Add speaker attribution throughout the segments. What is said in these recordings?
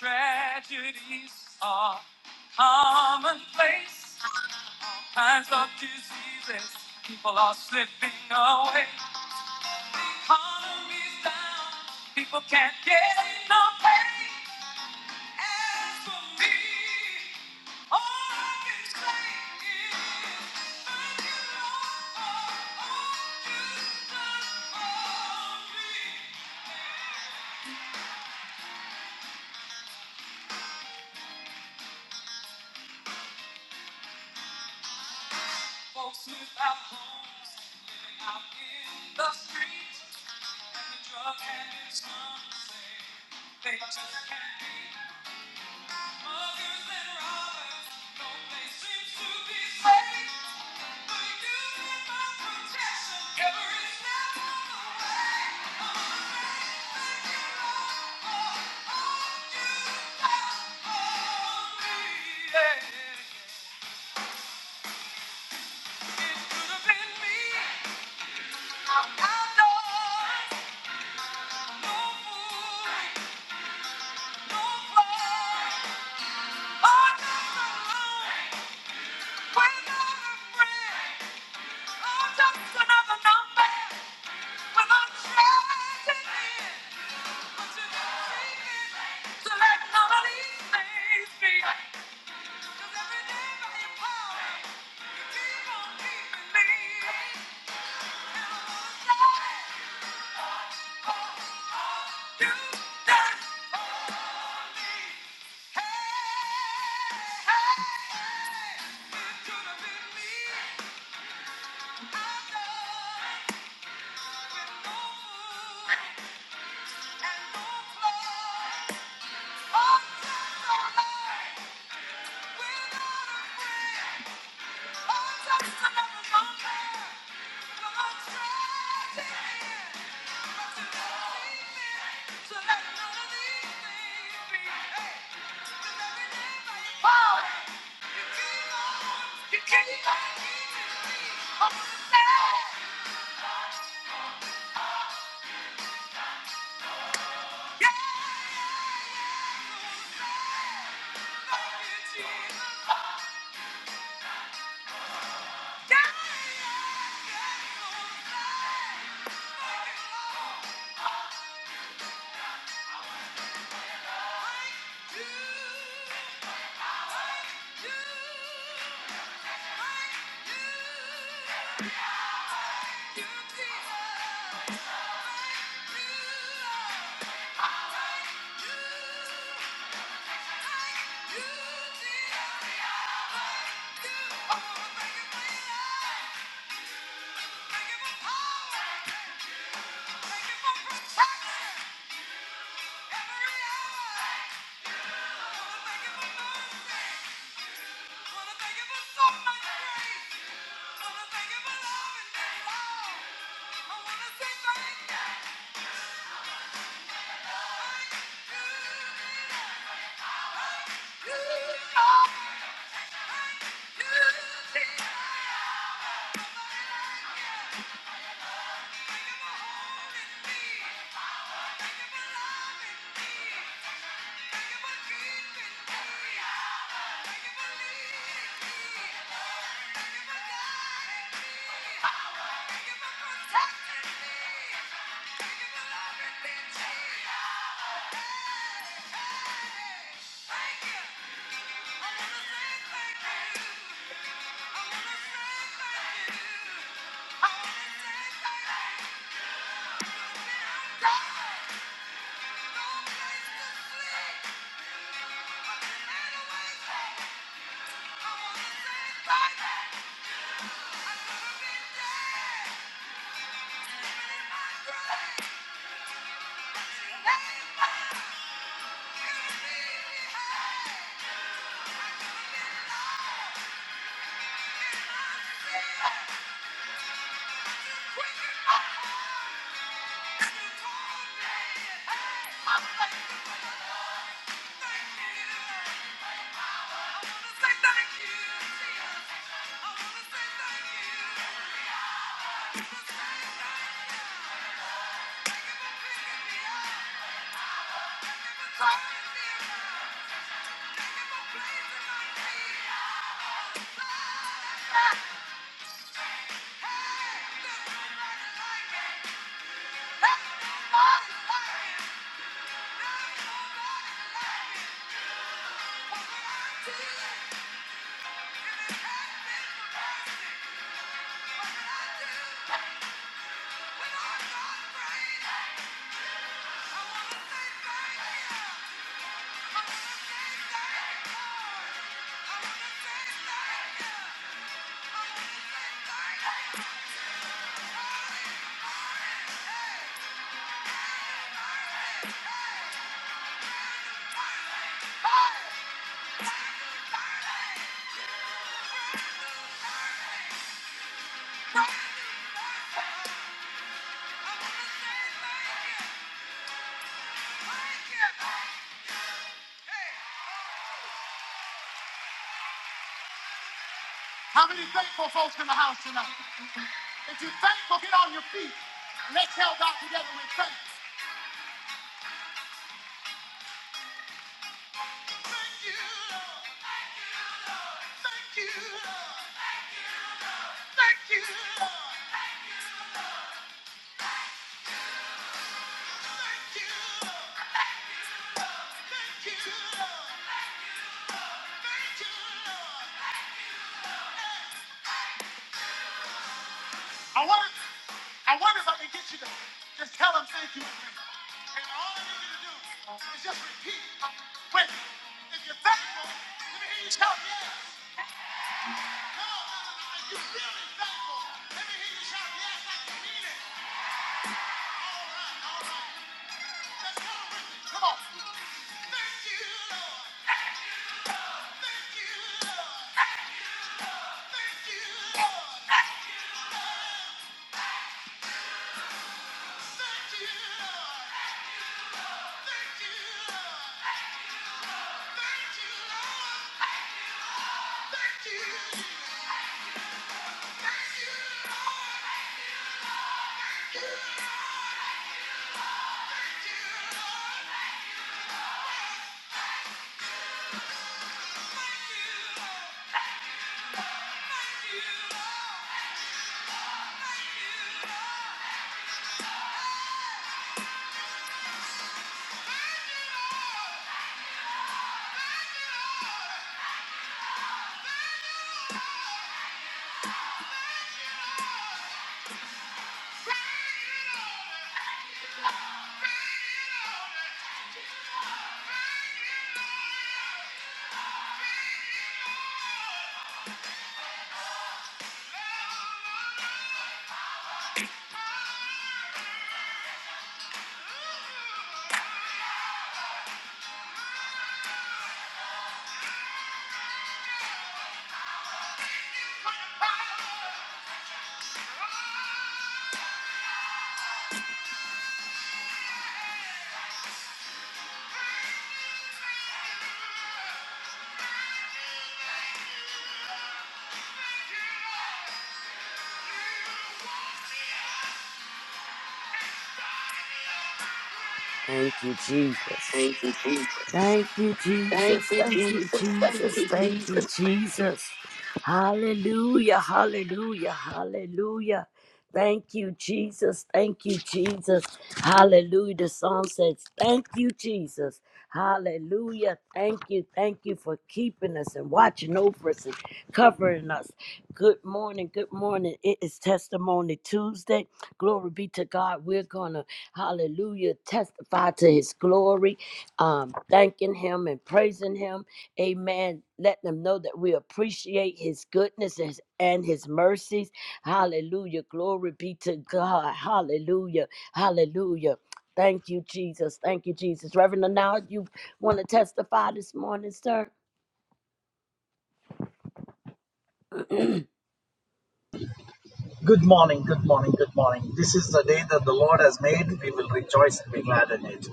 Speaker 1: Tragedies are commonplace. Times of diseases, people are slipping away. Economy's down, people can't get enough pay. As for me, all I can say is thank you, Lord, for all you've done for me. Folks without homes, living out in the streets, and the drug addicts, it's say they just can't be. We're not afraid. no and Hey! Yeah! yeah, yeah. Thank you. Thank you. Thank you. Thank you. Thank you. Thank you. Lord.
Speaker 2: Thank you, Jesus.
Speaker 1: Thank you, Jesus.
Speaker 2: Thank you,
Speaker 1: Thank
Speaker 2: Jesus.
Speaker 1: you,
Speaker 2: Thank you,
Speaker 1: Jesus. Thank
Speaker 2: Jesus.
Speaker 1: you,
Speaker 2: Thank you,
Speaker 1: Jesus.
Speaker 2: Jesus. Hallelujah. Hallelujah. Hallelujah. Thank you, Jesus. Thank you, Jesus. Hallelujah. The song says, Thank you, Jesus. Hallelujah. Thank you. Thank you for keeping us and watching over us and covering us. Good morning. Good morning. It is Testimony Tuesday. Glory be to God. We're going to, hallelujah, testify to his glory um, thanking him and praising him. Amen. Letting them know that we appreciate his goodness and his, and his mercies. Hallelujah. Glory be to God. Hallelujah. Hallelujah. Thank you, Jesus. Thank you, Jesus. Reverend, now you want to testify this morning, sir?
Speaker 3: Good morning, good morning, good morning. This is the day that the Lord has made. We will rejoice and be glad in it.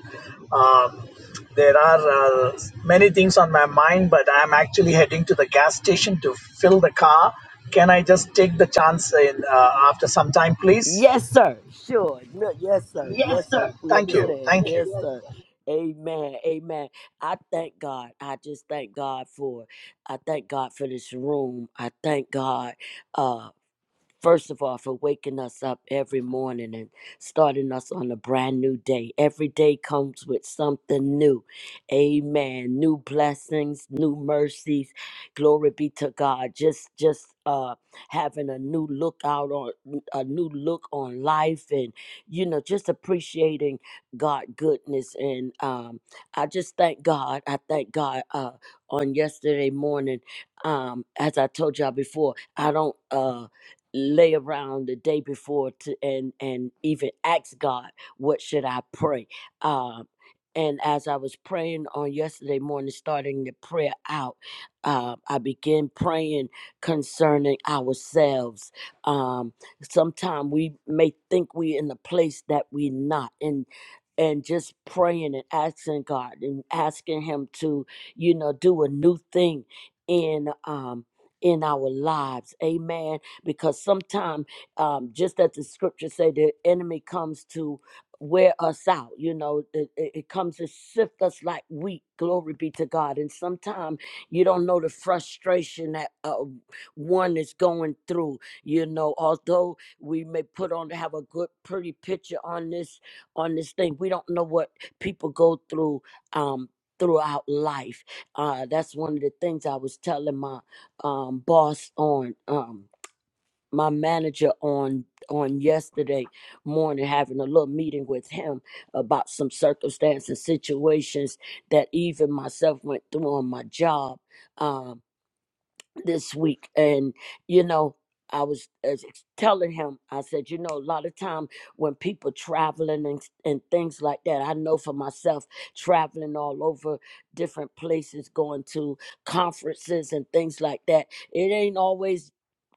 Speaker 3: Um, there are uh, many things on my mind, but I'm actually heading to the gas station to fill the car. Can I just take the chance in, uh, after some time, please?
Speaker 2: Yes, sir. Sure. No, yes, sir. Yes, sir. We
Speaker 3: Thank you,
Speaker 2: understand.
Speaker 3: thank
Speaker 2: Yes,
Speaker 3: you.
Speaker 2: sir. Amen. Amen. I thank God. I just thank God for I thank God for this room. I thank God. uh, First of all, for waking us up every morning and starting us on a brand new day. Every day comes with something new. Amen. New blessings, new mercies. Glory be to God. Just just uh having a new look out on a new look on life and you know, just appreciating God goodness and um I just thank God. I thank God uh on yesterday morning. Um as I told y'all before, I don't uh lay around the day before to, and and even ask God, what should I pray? Um, and as I was praying on yesterday morning, starting the prayer out, uh, I began praying concerning ourselves. Um, Sometimes we may think we in a place that we not, and and just praying and asking God and asking Him to, you know, do a new thing in um in our lives. Amen because sometimes um, just as the scripture say the enemy comes to wear us out you know it, it it comes to sift us like wheat glory be to god and sometimes you don't know the frustration that uh, one is going through you know although we may put on have a good pretty picture on this on this thing we don't know what people go through um throughout life uh that's one of the things i was telling my um boss on um my manager on on yesterday morning having a little meeting with him about some circumstances situations that even myself went through on my job um, this week and you know i was as- telling him i said you know a lot of time when people traveling and, and things like that i know for myself traveling all over different places going to conferences and things like that it ain't always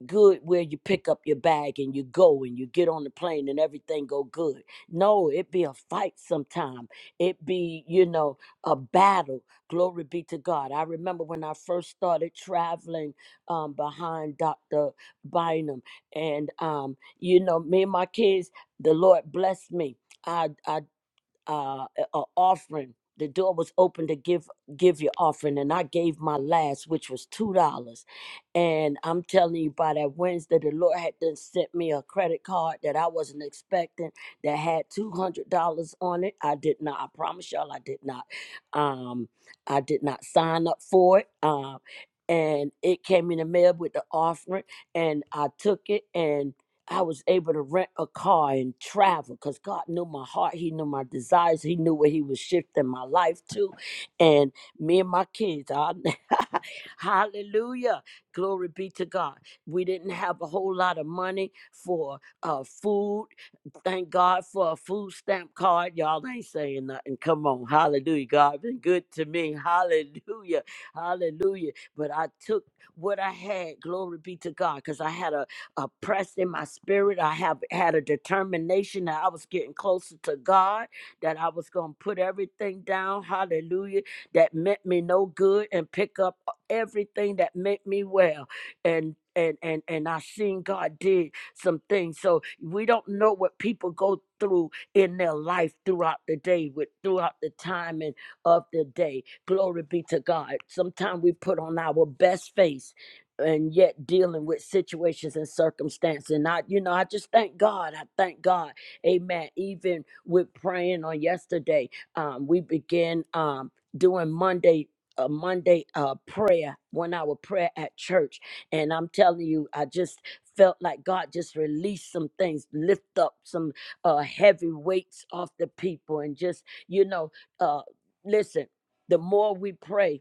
Speaker 2: good where you pick up your bag and you go and you get on the plane and everything go good no it be a fight sometime it be you know a battle glory be to god i remember when i first started traveling um, behind Dr. Bynum. And, um, you know, me and my kids, the Lord blessed me. I, I uh, a offering. The door was open to give give your offering, and I gave my last, which was two dollars. And I'm telling you, by that Wednesday, the Lord had then sent me a credit card that I wasn't expecting that had two hundred dollars on it. I did not. I promise y'all, I did not. Um, I did not sign up for it. Um, and it came in the mail with the offering, and I took it, and I was able to rent a car and travel because God knew my heart. He knew my desires. He knew where He was shifting my life to. And me and my kids, I, hallelujah. Glory be to God. We didn't have a whole lot of money for uh, food. Thank God for a food stamp card. Y'all ain't saying nothing. Come on. Hallelujah. God been good to me. Hallelujah. Hallelujah. But I took what I had, glory be to God, because I had a oppressed in my spirit. I have had a determination that I was getting closer to God, that I was going to put everything down, hallelujah, that meant me no good and pick up everything that meant me well. And and and and I seen God did some things. So we don't know what people go through in their life throughout the day, with throughout the time and of the day. Glory be to God. Sometimes we put on our best face and yet dealing with situations and circumstances. And I, you know, I just thank God. I thank God. Amen. Even with praying on yesterday, um, we began um doing Monday. A Monday uh, prayer, one hour prayer at church. And I'm telling you, I just felt like God just released some things, lift up some uh, heavy weights off the people. And just, you know, uh, listen, the more we pray,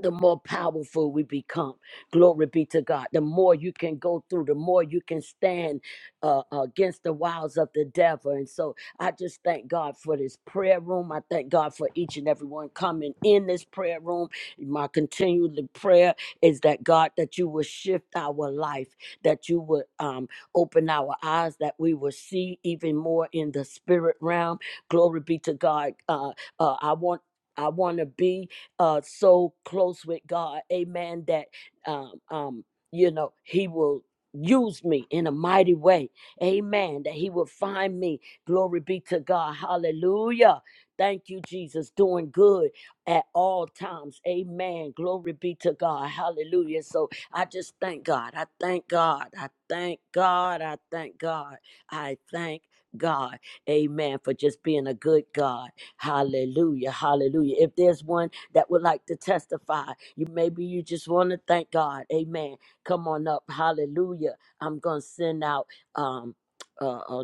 Speaker 2: the more powerful we become. Glory be to God. The more you can go through, the more you can stand uh, against the wiles of the devil. And so I just thank God for this prayer room. I thank God for each and every one coming in this prayer room. My continued prayer is that God, that you will shift our life, that you would um, open our eyes, that we will see even more in the spirit realm. Glory be to God. Uh, uh, I want I want to be uh, so close with God, amen, that, um, um, you know, He will use me in a mighty way, amen, that He will find me. Glory be to God. Hallelujah. Thank you, Jesus, doing good at all times. Amen. Glory be to God. Hallelujah. So I just thank God. I thank God. I thank God. I thank God. I thank God. Amen. For just being a good God. Hallelujah. Hallelujah. If there's one that would like to testify. You maybe you just want to thank God. Amen. Come on up. Hallelujah. I'm going to send out um uh, uh,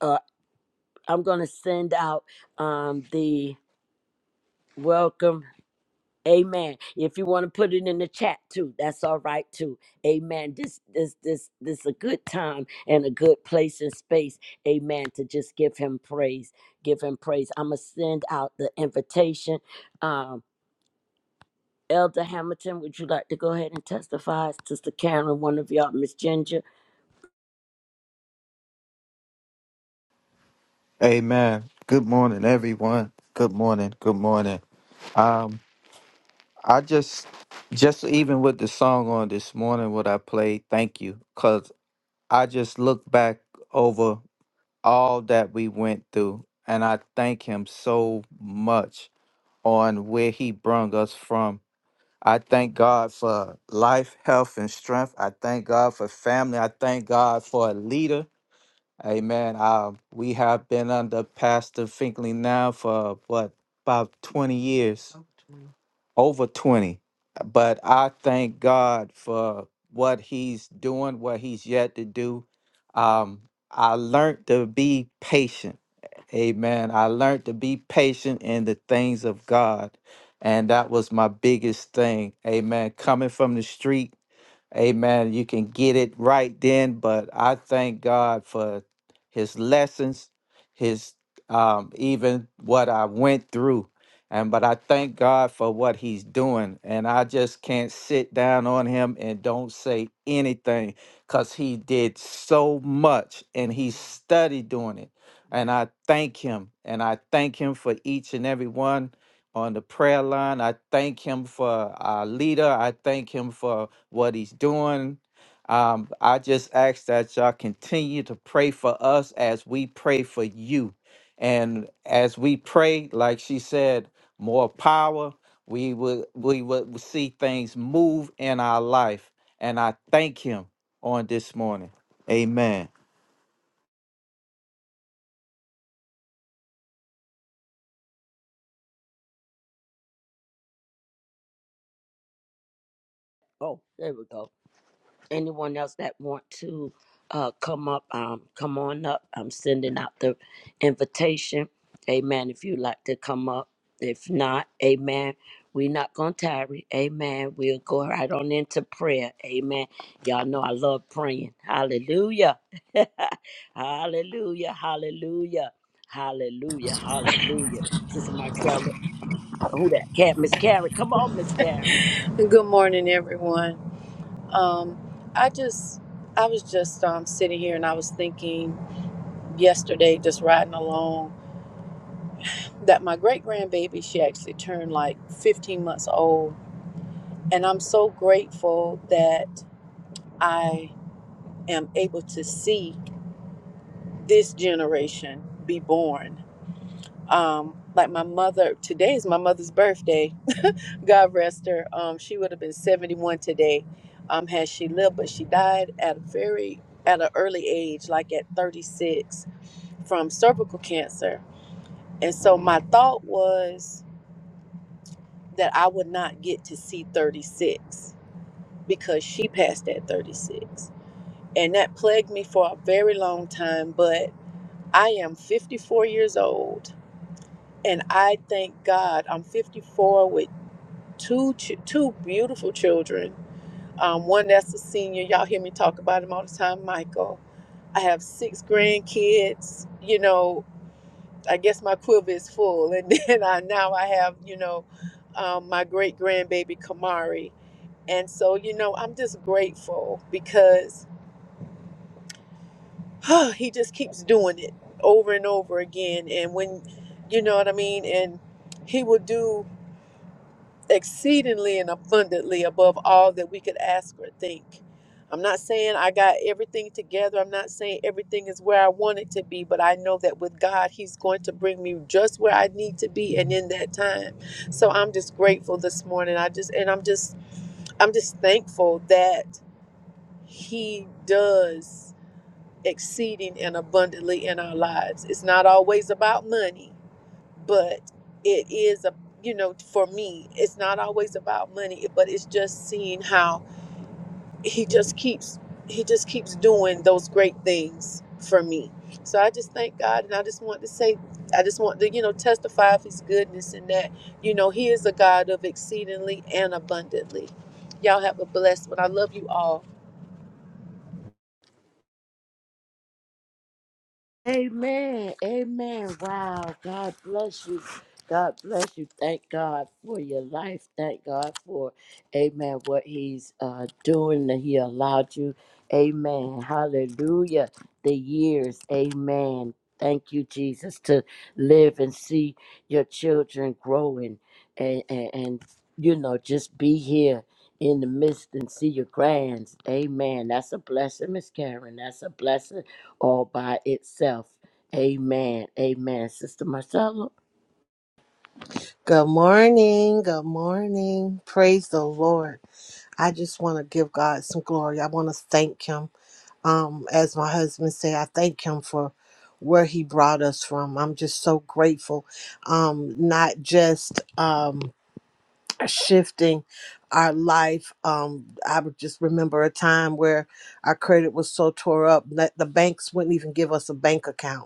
Speaker 2: uh I'm going to send out um the welcome Amen. If you want to put it in the chat too, that's all right too. Amen. This this this this a good time and a good place and space. Amen. To just give him praise. Give him praise. I'ma send out the invitation. Um. Elder Hamilton, would you like to go ahead and testify? Sister Karen, one of y'all, Miss Ginger.
Speaker 1: Amen. Good morning, everyone. Good morning. Good morning. Um, I just, just even with the song on this morning, what I played, thank you, cause I just look back over all that we went through, and I thank Him so much on where He brung us from. I thank God for life, health, and strength. I thank God for family. I thank God for a leader. Amen. Uh, we have been under Pastor Finkley now for what about twenty years, over twenty. But I thank God for what He's doing, what He's yet to do. Um, I learned to be patient. Amen. I learned to be patient in the things of God, and that was my biggest thing. Amen. Coming from the street. Amen. You can get it right then, but I thank God for his lessons, his um even what I went through. And but I thank God for what he's doing. And I just can't sit down on him and don't say anything because he did so much and he studied doing it. And I thank him. And I thank him for each and every one on the prayer line. I thank him for our leader. I thank him for what he's doing. Um, I just ask that y'all continue to pray for us as we pray for you. And as we pray, like she said, more power, we will we will see things move in our life. And I thank him on this morning. Amen.
Speaker 2: Oh, there we go. Anyone else that want to uh, come up, um, come on up. I'm sending out the invitation. Amen. If you'd like to come up. If not, amen. We're not going to tarry. Amen. We'll go right on into prayer. Amen. Y'all know I love praying. Hallelujah. hallelujah. Hallelujah. Hallelujah. Hallelujah. Sister Marcella. Who that? Cat Miss Karen. Come on, Miss Karen.
Speaker 4: Good morning, everyone. Um, I just, I was just um, sitting here and I was thinking yesterday, just riding along, that my great grandbaby, she actually turned like 15 months old. And I'm so grateful that I am able to see this generation be born. Um, like my mother, today is my mother's birthday. God rest her. Um, she would have been 71 today, um, had she lived, but she died at a very at an early age, like at 36, from cervical cancer. And so my thought was that I would not get to see 36 because she passed at 36. And that plagued me for a very long time, but I am 54 years old and I thank God I'm 54 with two ch- two beautiful children Um, one that's a senior. Y'all hear me talk about him all the time, Michael. I have six grandkids. You know, I guess my quiver is full. And then I now I have, you know, um, my great grandbaby Kamari. And so, you know, I'm just grateful because he just keeps doing it over and over again. And when, you know what I mean? And he will do exceedingly and abundantly above all that we could ask or think. I'm not saying I got everything together. I'm not saying everything is where I want it to be, but I know that with God, He's going to bring me just where I need to be and in that time. So I'm just grateful this morning. I just, and I'm just, I'm just thankful that He does exceeding and abundantly in our lives. It's not always about money but it is a you know for me it's not always about money but it's just seeing how he just keeps he just keeps doing those great things for me so i just thank god and i just want to say i just want to you know testify of his goodness and that you know he is a god of exceedingly and abundantly y'all have a blessed one i love you all
Speaker 2: Amen. Amen. Wow. God bless you. God bless you. Thank God for your life. Thank God for, amen, what He's uh, doing that He allowed you. Amen. Hallelujah. The years. Amen. Thank you, Jesus, to live and see your children growing and, and, and you know, just be here in the midst and see your grands. Amen. That's a blessing, Miss Karen. That's a blessing all by itself. Amen. Amen. Sister Marcella.
Speaker 5: Good morning. Good morning. Praise the Lord. I just want to give God some glory. I want to thank him. Um as my husband said, I thank him for where he brought us from. I'm just so grateful. Um not just um shifting our life. Um I would just remember a time where our credit was so tore up that the banks wouldn't even give us a bank account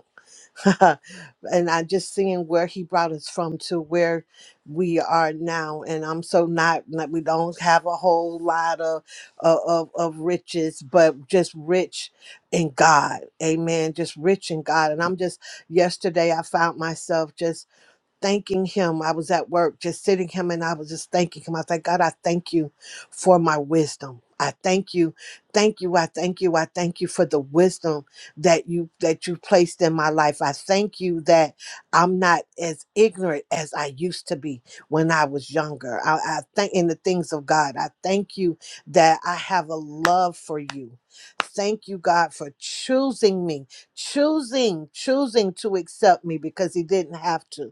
Speaker 5: and I'm just seeing where he brought us from to where we are now. And I'm so not like we don't have a whole lot of of of of riches, but just rich in God. Amen. Just rich in God. And I'm just yesterday I found myself just thanking him. I was at work just sitting him and I was just thanking him. I was like, God, I thank you for my wisdom. I thank you. Thank you. I thank you. I thank you for the wisdom that you that you placed in my life. I thank you that I'm not as ignorant as I used to be when I was younger. I, I thank in the things of God. I thank you that I have a love for you. Thank you, God, for choosing me, choosing, choosing to accept me because He didn't have to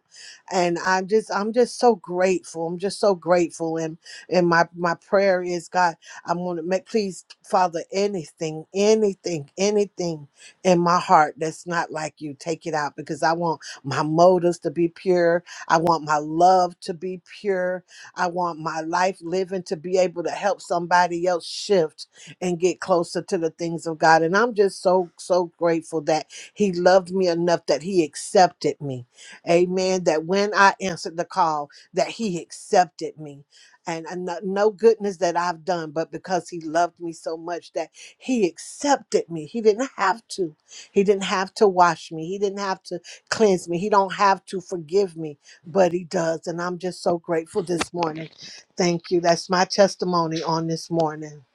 Speaker 5: and i'm just i'm just so grateful i'm just so grateful and and my my prayer is god i'm going to make please father anything anything anything in my heart that's not like you take it out because i want my motives to be pure i want my love to be pure i want my life living to be able to help somebody else shift and get closer to the things of god and i'm just so so grateful that he loved me enough that he accepted me Amen. That when I answered the call, that he accepted me. And and no no goodness that I've done, but because he loved me so much that he accepted me. He didn't have to. He didn't have to wash me. He didn't have to cleanse me. He don't have to forgive me, but he does. And I'm just so grateful this morning. Thank you. That's my testimony on this morning.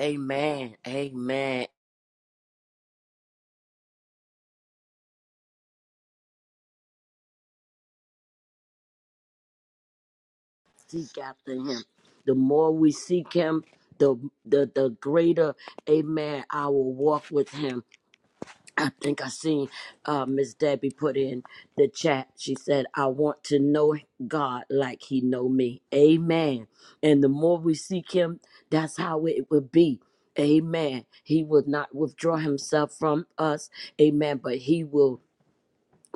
Speaker 2: Amen. Amen. Seek after him. The more we seek him, the the the greater, amen, our walk with him. I think I seen uh, Miss Debbie put in the chat. She said, "I want to know God like He know me." Amen. And the more we seek Him, that's how it will be. Amen. He will not withdraw Himself from us. Amen. But He will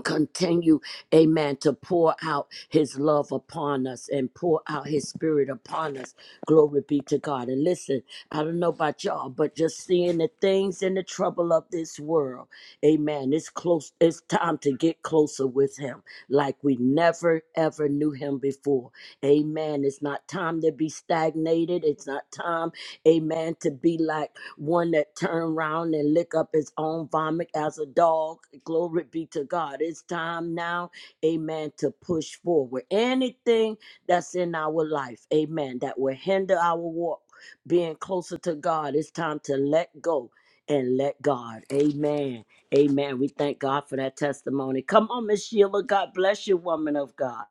Speaker 2: continue, amen, to pour out his love upon us and pour out his spirit upon us. Glory be to God. And listen, I don't know about y'all, but just seeing the things and the trouble of this world, amen, it's close, it's time to get closer with him like we never ever knew him before. Amen. It's not time to be stagnated. It's not time, amen, to be like one that turned round and lick up his own vomit as a dog. Glory be to God. It's time now, amen, to push forward. Anything that's in our life, amen, that will hinder our walk being closer to God, it's time to let go and let God. Amen. Amen. We thank God for that testimony. Come on, Miss Sheila. God bless you, woman of God.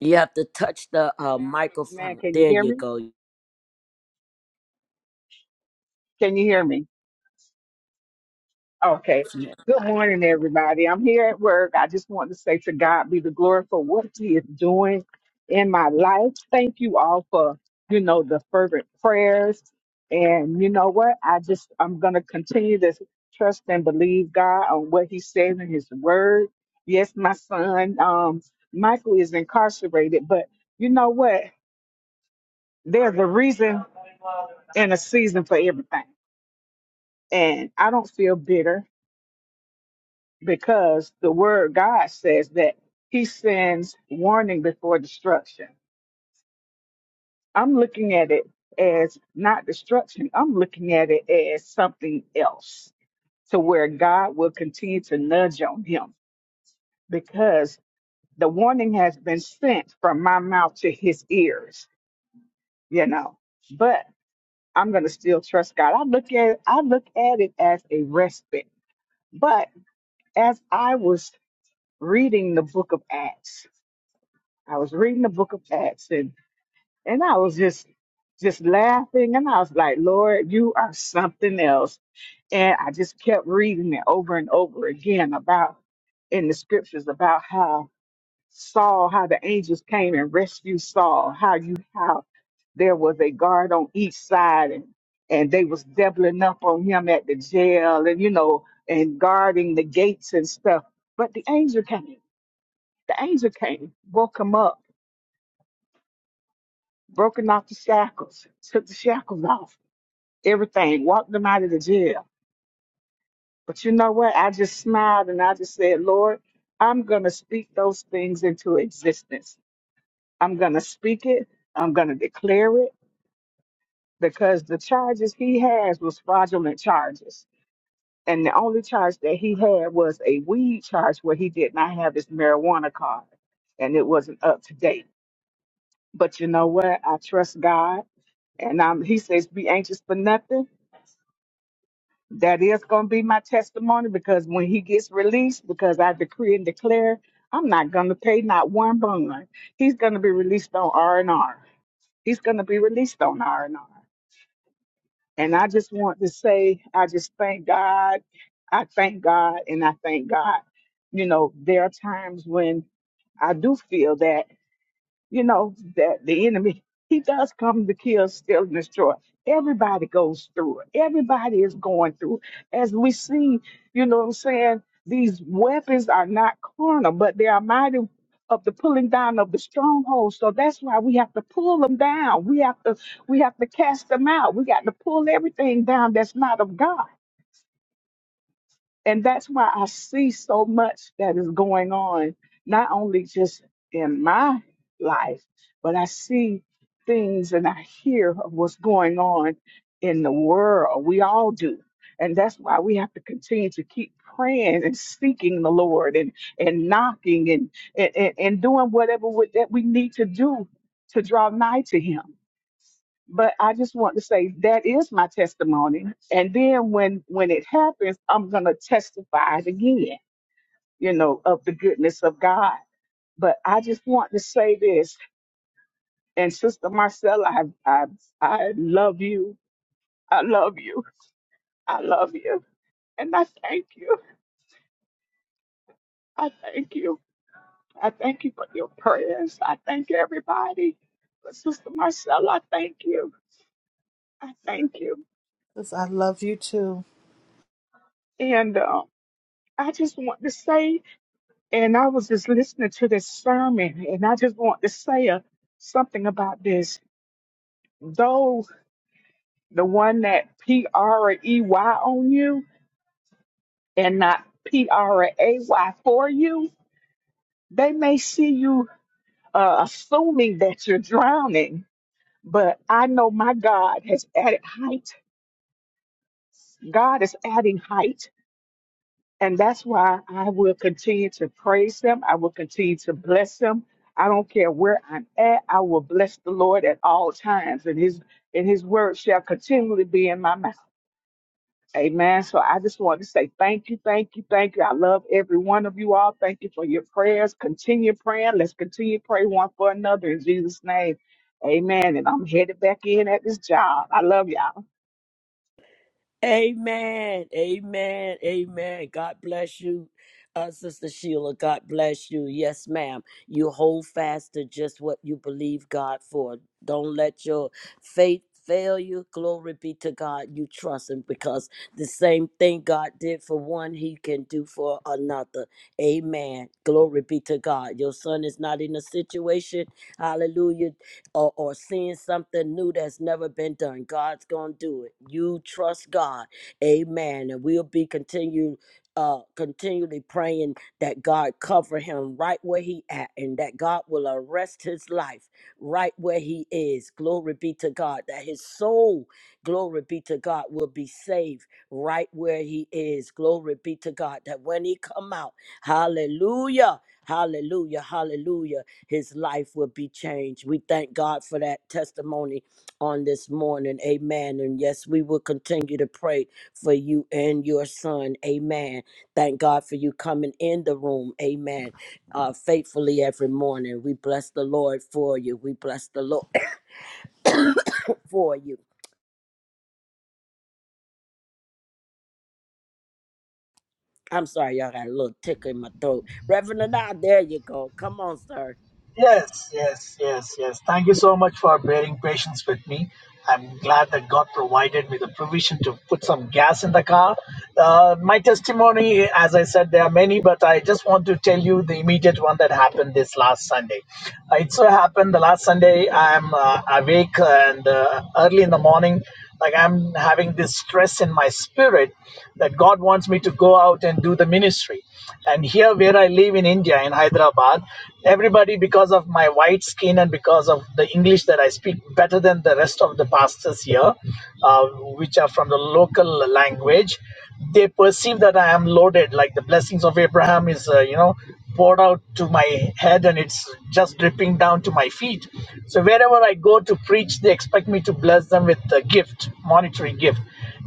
Speaker 2: You have to touch the uh,
Speaker 6: Man,
Speaker 2: microphone.
Speaker 6: can you
Speaker 2: There
Speaker 6: hear
Speaker 2: you
Speaker 6: me?
Speaker 2: go.
Speaker 6: Can you hear me? Okay. Good morning, everybody. I'm here at work. I just want to say to God be the glory for what He is doing in my life. Thank you all for, you know, the fervent prayers. And you know what? I just, I'm going to continue to trust and believe God on what He says in His word. Yes, my son, um, Michael is incarcerated, but you know what? There's a reason and a season for everything. And I don't feel bitter. because the word God says that he sends warning before destruction. I'm looking at it as not destruction, I'm looking at it as something else to where God will continue to nudge on him because the warning has been sent from my mouth to his ears, you know. But I'm gonna still trust God. I look at I look at it as a respite. But as I was reading the book of Acts, I was reading the book of Acts and, and I was just just laughing and I was like, Lord, you are something else. And I just kept reading it over and over again about in the scriptures about how Saul, how the angels came and rescued Saul, how you how there was a guard on each side and and they was doubling up on him at the jail and you know and guarding the gates and stuff. But the angel came. The angel came, woke him up broken off the shackles, took the shackles off, everything, walked them out of the jail. But you know what? I just smiled and I just said, Lord, I'm going to speak those things into existence. I'm going to speak it. I'm going to declare it because the charges he has was fraudulent charges. And the only charge that he had was a weed charge where he did not have his marijuana card and it wasn't up to date. But you know what? I trust God and I'm, he says, be anxious for nothing that is going to be my testimony because when he gets released, because I decree and declare, I'm not going to pay not one bond. He's going to be released on R and R. He's going to be released on R and R. And I just want to say, I just thank God. I thank God, and I thank God. You know, there are times when I do feel that you know, that the enemy, he does come to kill, steal, and destroy. Everybody goes through it. Everybody is going through. it. As we see, you know what I'm saying? These weapons are not carnal, but they are mighty of the pulling down of the strongholds. So that's why we have to pull them down. We have to we have to cast them out. We got to pull everything down that's not of God and that's why I see so much that is going on, not only just in my life, but I see things and I hear of what's going on in the world. We all do. And that's why we have to continue to keep praying and seeking the Lord and, and knocking and, and, and and doing whatever we- that we need to do to draw nigh to Him but I just want to say that is my testimony. And then when when it happens, I'm gonna testify it again, you know, of the goodness of God. But I just want to say this, and Sister Marcella, I I I love you. I love you. I love you. And I thank you. I thank you. I thank you for your prayers. I thank everybody. But Sister Marcella, I thank you. I thank you.
Speaker 5: 'Cause I love you too.
Speaker 6: And um, I just want to say And I was just listening to this sermon, and I just want to say a, something about this. Though the one that P R E Y on you and not P R A Y for you, they may see you uh, assuming that you're drowning. But I know my God has added height. God is adding height And that's why I will continue to praise them. I will continue to bless them. I don't care where I'm at. I will bless the Lord at all times, and His and His word shall continually be in my mouth. Amen. So I just want to say thank you, thank you, thank you. I love every one of you all. Thank you for your prayers. Continue praying. Let's continue to pray one for another in Jesus' name. Amen. And I'm headed back in at this job. I love y'all.
Speaker 2: Amen. Amen. Amen. God bless you, uh, Sister Sheila. God bless you. Yes, ma'am. You hold fast to just what you believe God for. Don't let your faith fail you. Glory be to God. You trust Him because the same thing God did for one, He can do for another. Amen. Glory be to God. Your son is not in a situation, hallelujah, or, or seeing something new that's never been done. God's gonna do it. You trust God. Amen. And we'll be continue uh continually praying that God cover him right where he at and that God will arrest his life right where he is. Glory be to God. That his soul, glory be to God, will be saved right where he is. Glory be to God. That when he come out, hallelujah, hallelujah, hallelujah his life will be changed. We thank God for that testimony on this morning. Amen. And yes, we will continue to pray for you and your son. Amen. Thank God for you coming in the room. Amen. Uh, faithfully every morning. We bless the Lord for you. We bless the Lord for you. I'm sorry, y'all got a little tickle in my throat. Reverend Anah, there you go. Come on, sir.
Speaker 3: Yes, yes, yes, yes. Thank you so much for bearing patience with me. I'm glad that God provided me the provision to put some gas in the car. Uh, my testimony, as I said, there are many, but I just want to tell you the immediate one that happened this last Sunday. Uh, it so happened the last Sunday I'm uh, awake and uh, early in the morning. Like I'm having this stress in my spirit that God wants me to go out and do the ministry. And here, where I live in India, in Hyderabad, everybody, because of my white skin and because of the English that I speak better than the rest of the pastors here, uh, which are from the local language, they perceive that I am loaded. Like the blessings of Abraham is, uh, you know poured out to my head and it's just dripping down to my feet. So wherever I go to preach, they expect me to bless them with a gift, monetary gift.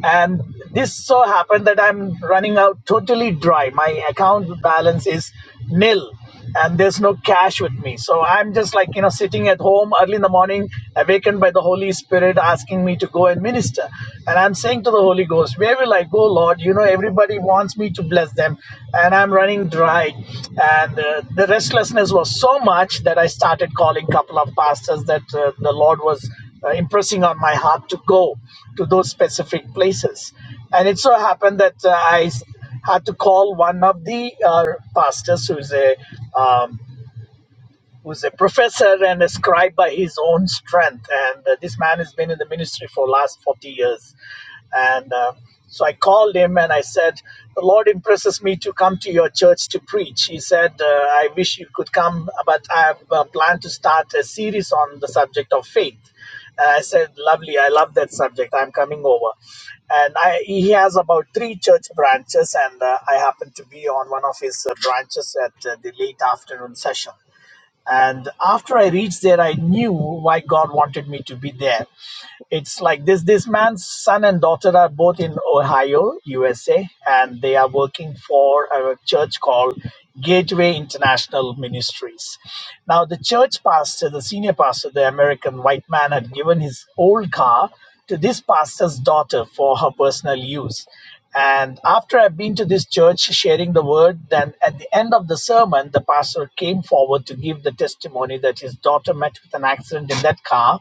Speaker 3: And this so happened that I'm running out totally dry. My account balance is nil and there's no cash with me. So I'm just like, you know, sitting at home early in the morning, awakened by the Holy Spirit asking me to go and minister. And I'm saying to the Holy Ghost, where will I go, Lord? You know, everybody wants me to bless them, and I'm running dry. And uh, the restlessness was so much that I started calling a couple of pastors that uh, the Lord was uh, impressing on my heart to go to those specific places. And it so happened that uh, I had to call one of the uh, pastors who is a um, who's a professor and a scribe by his own strength. And uh, this man has been in the ministry for the last 40 years. And uh, so I called him and I said, The Lord impresses me to come to your church to preach. He said, uh, I wish you could come, but I have uh, planned to start a series on the subject of faith. And I said, Lovely, I love that subject. I'm coming over. And I, he has about three church branches, and uh, I happened to be on one of his uh, branches at uh, the late afternoon session. And after I reached there, I knew why God wanted me to be there. It's like this this man's son and daughter are both in Ohio, USA, and they are working for a church called Gateway International Ministries. Now, the church pastor, the senior pastor, the American white man, had given his old car to this pastor's daughter for her personal use. And after I've been to this church sharing the word, then at the end of the sermon, the pastor came forward to give the testimony that his daughter met with an accident in that car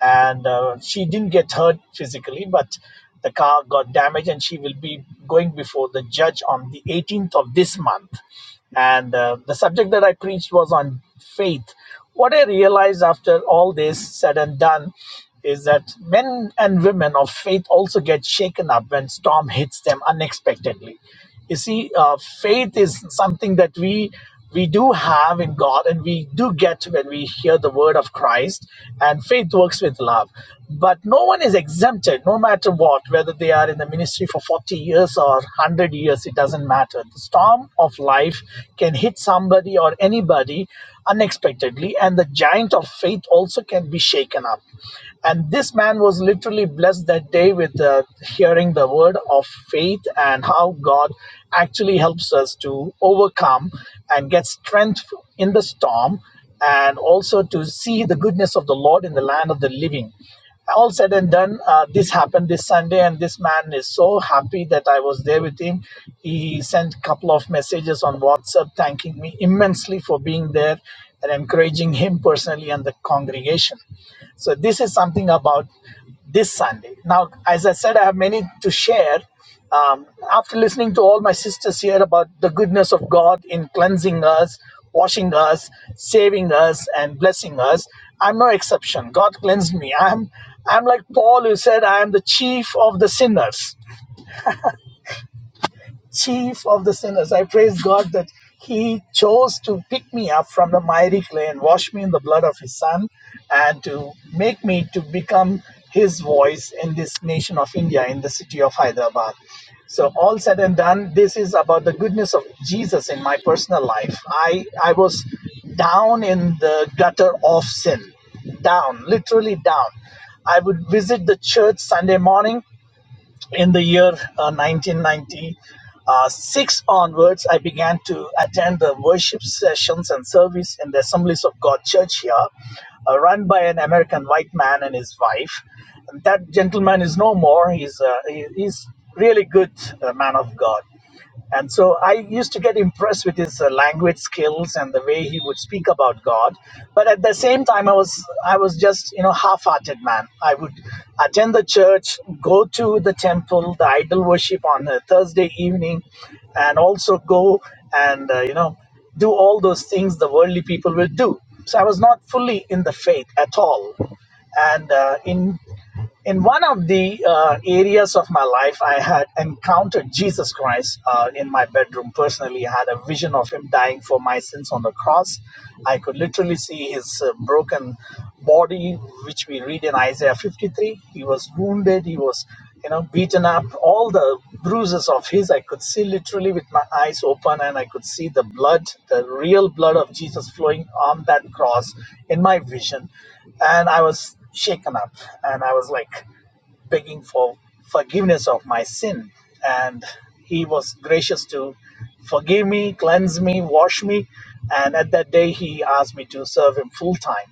Speaker 3: and uh, she didn't get hurt physically, but the car got damaged, and she will be going before the judge on the 18th of this month. And uh, the subject that I preached was on faith. What I realized after all this said and done is that men and women of faith also get shaken up when storm hits them unexpectedly. You see, uh, faith is something that we we do have in God and we do get when we hear the word of Christ, and faith works with love. But no one is exempted, no matter what, whether they are in the ministry for 40 years or 100 years, it doesn't matter. The storm of life can hit somebody or anybody, unexpectedly, and the giant of faith also can be shaken up. And this man was literally blessed that day with uh, hearing the word of faith and how God actually helps us to overcome and get strength in the storm and also to see the goodness of the Lord in the land of the living. All said and done, uh, this happened this Sunday, and this man is so happy that I was there with him. He sent a couple of messages on WhatsApp thanking me immensely for being there and encouraging him personally and the congregation. So this is something about this Sunday. Now, as I said, I have many to share. Um, after listening to all my sisters here about the goodness of God in cleansing us, washing us, saving us, and blessing us, I'm no exception. God cleansed me. I'm I'm like Paul who said, I am the chief of the sinners chief of the sinners. I praise God that He chose to pick me up from the miry clay and wash me in the blood of His Son and to make me to become His voice in this nation of India, in the city of Hyderabad. So, all said and done, this is about the goodness of Jesus in my personal life. I, I was down in the gutter of sin, down, literally down. I would visit the church Sunday morning in the year uh, 1996 onwards, I began to attend the worship sessions and service in the Assemblies of God Church here, uh, run by an American white man and his wife. that gentleman is no more. He's, uh, he, he's really good uh, man of God. And so I used to get impressed with his uh, language skills and the way he would speak about God. But at the same time, I was I was just you know half-hearted man. I would attend the church, go to the temple, the idol worship on a Thursday evening, and also go and uh, you know do all those things the worldly people will do. So I was not fully in the faith at all. And uh, in in one of the uh, areas of my life, I had encountered Jesus Christ uh, in my bedroom personally. I had a vision of him dying for my sins on the cross. I could literally see his uh, broken body, which we read in Isaiah 53. He was wounded, he was you know beaten up all the bruises of his i could see literally with my eyes open and i could see the blood the real blood of jesus flowing on that cross in my vision and i was shaken up and I was like begging for forgiveness of my sin. And he was gracious to forgive me, cleanse me, wash me. And at that day, he asked me to serve him full time.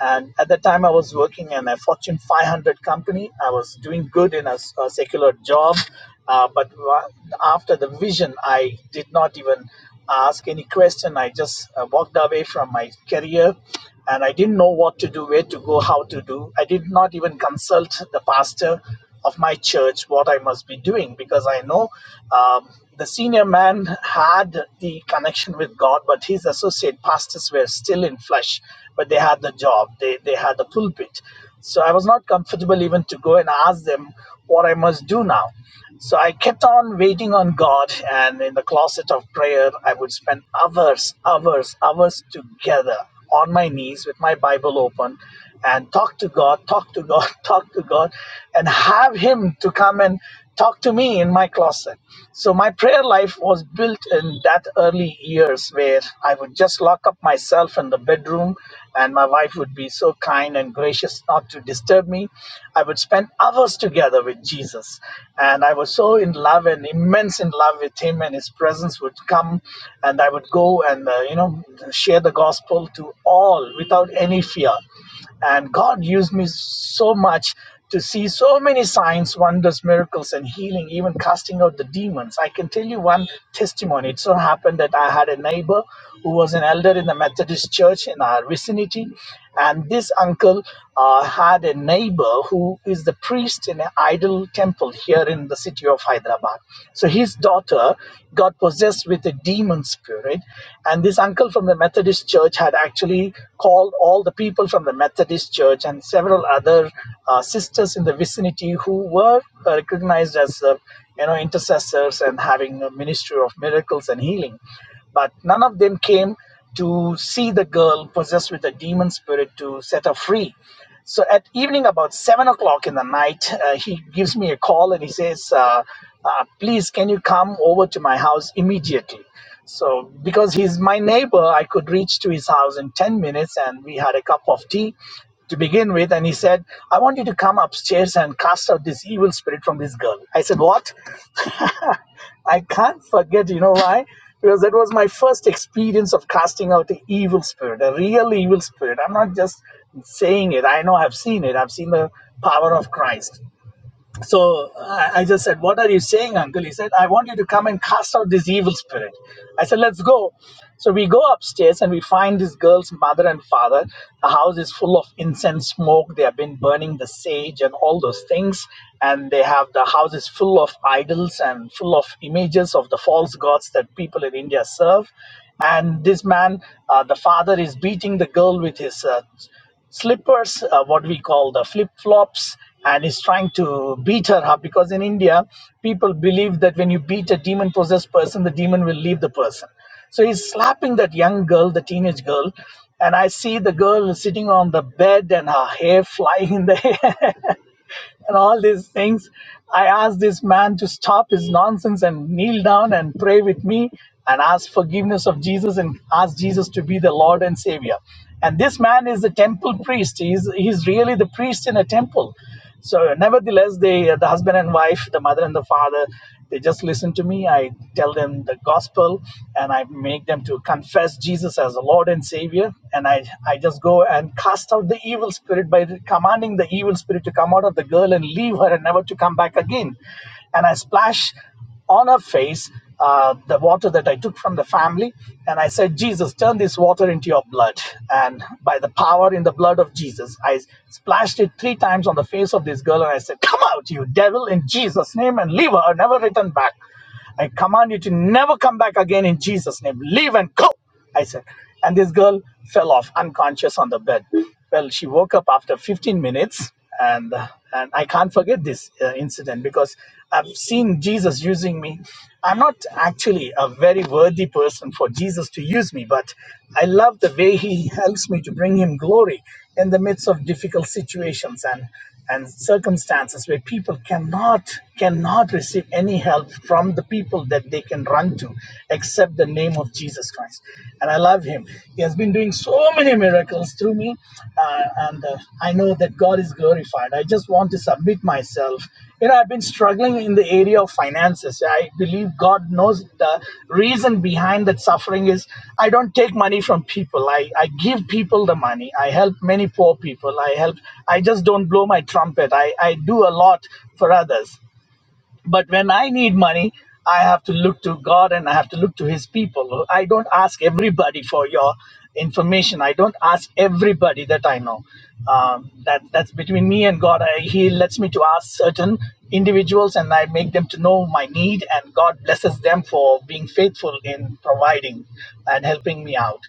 Speaker 3: And at that time, I was working in a Fortune 500 company. I was doing good in a a secular job. Uh, but wa- after the vision, I did not even ask any question. I just uh, walked away from my career and I didn't know what to do, where to go, how to do. I did not even consult the pastor of my church what I must be doing because I know um, the senior man had the connection with God, but his associate pastors were still in flesh but they had the job, they, they had the pulpit. So I was not comfortable even to go and ask them what I must do now. So I kept on waiting on God, and in the closet of prayer, I would spend hours, hours, hours together on my knees with my Bible open and talk to God, talk to God, talk to God, and have Him to come and talk to me in my closet. So my prayer life was built in that early years where I would just lock up myself in the bedroom and my wife would be so kind and gracious not to disturb me. I would spend hours together with Jesus and I was so in love and immense in love with him and his presence would come and I would go and uh, you know share the gospel to all without any fear and God used me so much to see so many signs, wonders, miracles, and healing, even casting out the demons. I can tell you one testimony. It so happened that I had a neighbor who was an elder in the Methodist church in our vicinity. And this uncle uh, had a neighbor who is the priest in an idol temple here in the city of Hyderabad. So so his daughter got possessed with a demon spirit, right? and this uncle from the Methodist church had actually called all the people from the Methodist church and several other uh, sisters in the vicinity who were uh, recognized as uh, you know intercessors and having a ministry of miracles and healing but none of them came to see the girl possessed with a demon spirit to set her free so at evening, about seven o'clock in the night, uh, he gives me a call and he says, uh, uh, "Please, can you come over to my house immediately?" So because he's my neighbor, I could reach to his house in ten minutes, and we had a cup of tea to begin with. And he said, "I want you to come upstairs and cast out this evil spirit from this girl." I said, "What?" I can't forget, you know why? Because that was my first experience of casting out an evil spirit, a real evil spirit. I'm not just saying it. I know I've seen it. I've seen the power of Christ. So I, I just said, What are you saying, uncle? He said, I want you to come and cast out this evil spirit. I said, Let's go. So we go upstairs and we find this girl's mother and father. The house is full of incense smoke. They have been burning the sage and all those things. And they have the house is full of idols and full of images of the false gods that people in India serve. And this man, uh, the father, is beating the girl with his uh, slippers, uh, what we call the flip flops, and is trying to beat her up because in India, people believe that when you beat a demon possessed person, the demon will leave the person. So he's slapping that young girl, the teenage girl, and I see the girl sitting on the bed and her hair flying in the air and all these things. I asked this man to stop his nonsense and kneel down and pray with me and ask forgiveness of Jesus and ask Jesus to be the Lord and Savior. And this man is the temple priest. He's he's really the priest in a temple. So, nevertheless, they the husband and wife, the mother and the father, they just listen to me. I tell them the gospel, and I make them to confess Jesus as the Lord and Savior. And I I just go and cast out out the evil spirit by commanding the evil spirit to come out of the girl and leave her and never to come back again. And I splash on her face uh, the water that I took from the family. And I said, Jesus, turn this water into your blood. And by the power in the blood of Jesus, I splashed it three times on the face of this girl. And I said, Come out, you devil, in Jesus' name, and leave her, never return back. I command you to never come back again in Jesus' name. Leave and go, I said. And this girl fell off unconscious on the bed. Well, she woke up after 15 minutes, and uh, and I can't forget this uh, incident because I've seen Jesus using me. I'm not actually a very worthy person for Jesus to use me, but I love the way He helps me to bring Him glory in the midst of difficult situations. And and circumstances where people cannot cannot receive any help from the people that they can run to except the name of jesus christ and i love him he has been doing so many miracles through me uh, and uh, i know that god is glorified i just want to submit my myself you know i've been struggling in the area of finances i believe god knows the reason behind that suffering is i don't take money from people i, I give people the money i help many poor people i help i just don't blow my trumpet i, I do a lot for others but when I need money, I have to look to God and I have to look to His people. I don't ask everybody for your information. I don't ask everybody that I know. Um, that that's between me and God. I, he lets me to ask certain individuals, and I make them to know my need, and God blesses them for being faithful in providing and helping me out.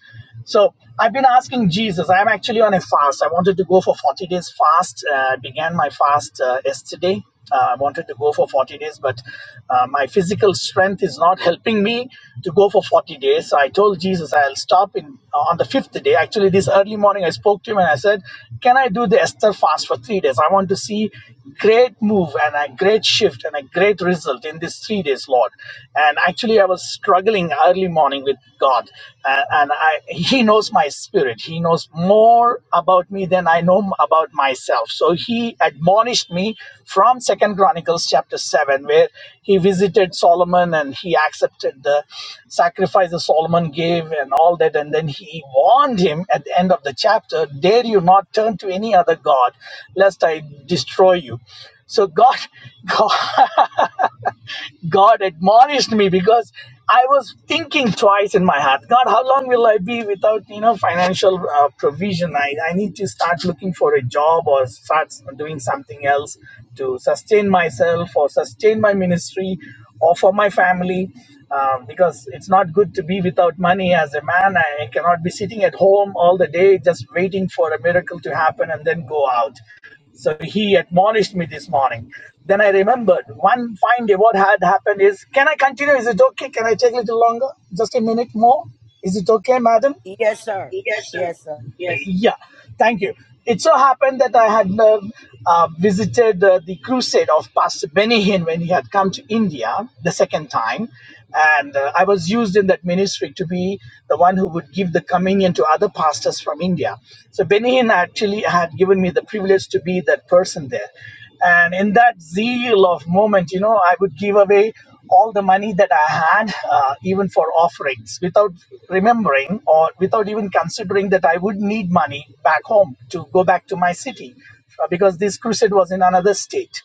Speaker 3: So I've been asking Jesus. I'm actually on a fast. I wanted to go for 40 days fast. Uh, I began my fast uh, yesterday. Uh, I wanted to go for 40 days, but uh, my physical strength is not helping me to go for 40 days. So I told Jesus I'll stop in uh, on the fifth day. Actually, this early morning I spoke to him and I said, "Can I do the Esther fast for three days? I want to see great move and a great shift and a great result in these three days, Lord." And actually, I was was struggling early morning with God, uh, and I, He knows my spirit. He knows more about me than I know m- about myself. So He admonished me from Second Chronicles chapter seven, where He visited Solomon and He accepted the sacrifice that Solomon gave and all that, and then He warned him at the end of the chapter, "Dare you not turn to any other god, lest I destroy you." So God, God. God admonished me because I was thinking twice in my heart, God, how long will I be without you know financial uh, provision? I, I need to start looking for a job or start doing something else to sustain myself or sustain my ministry or for my family um, because it's not good to be without money as a man. I cannot be sitting at home all the day just waiting for a miracle to happen and then go out. So he admonished me this morning. Then I remembered one fine day what had happened is can I continue? Is it okay? Can I take a little longer? Just a minute more? Is it okay, madam?
Speaker 2: Yes, sir. Yes, sir.
Speaker 3: Yeah, thank you. It so happened that I had uh, uh, visited uh, the crusade of Pastor Benny Hinn when he had come to India the second time. And uh, I was used in that ministry to be the one who would give the communion to other pastors from India. So Benny Hinn actually had given me the privilege to be that person there. And in that zeal of moment, you know, I would give away all the money that I had, uh, even for offerings, without remembering or without even considering that I would need money back home to go back to my city uh, because this crusade was in another state.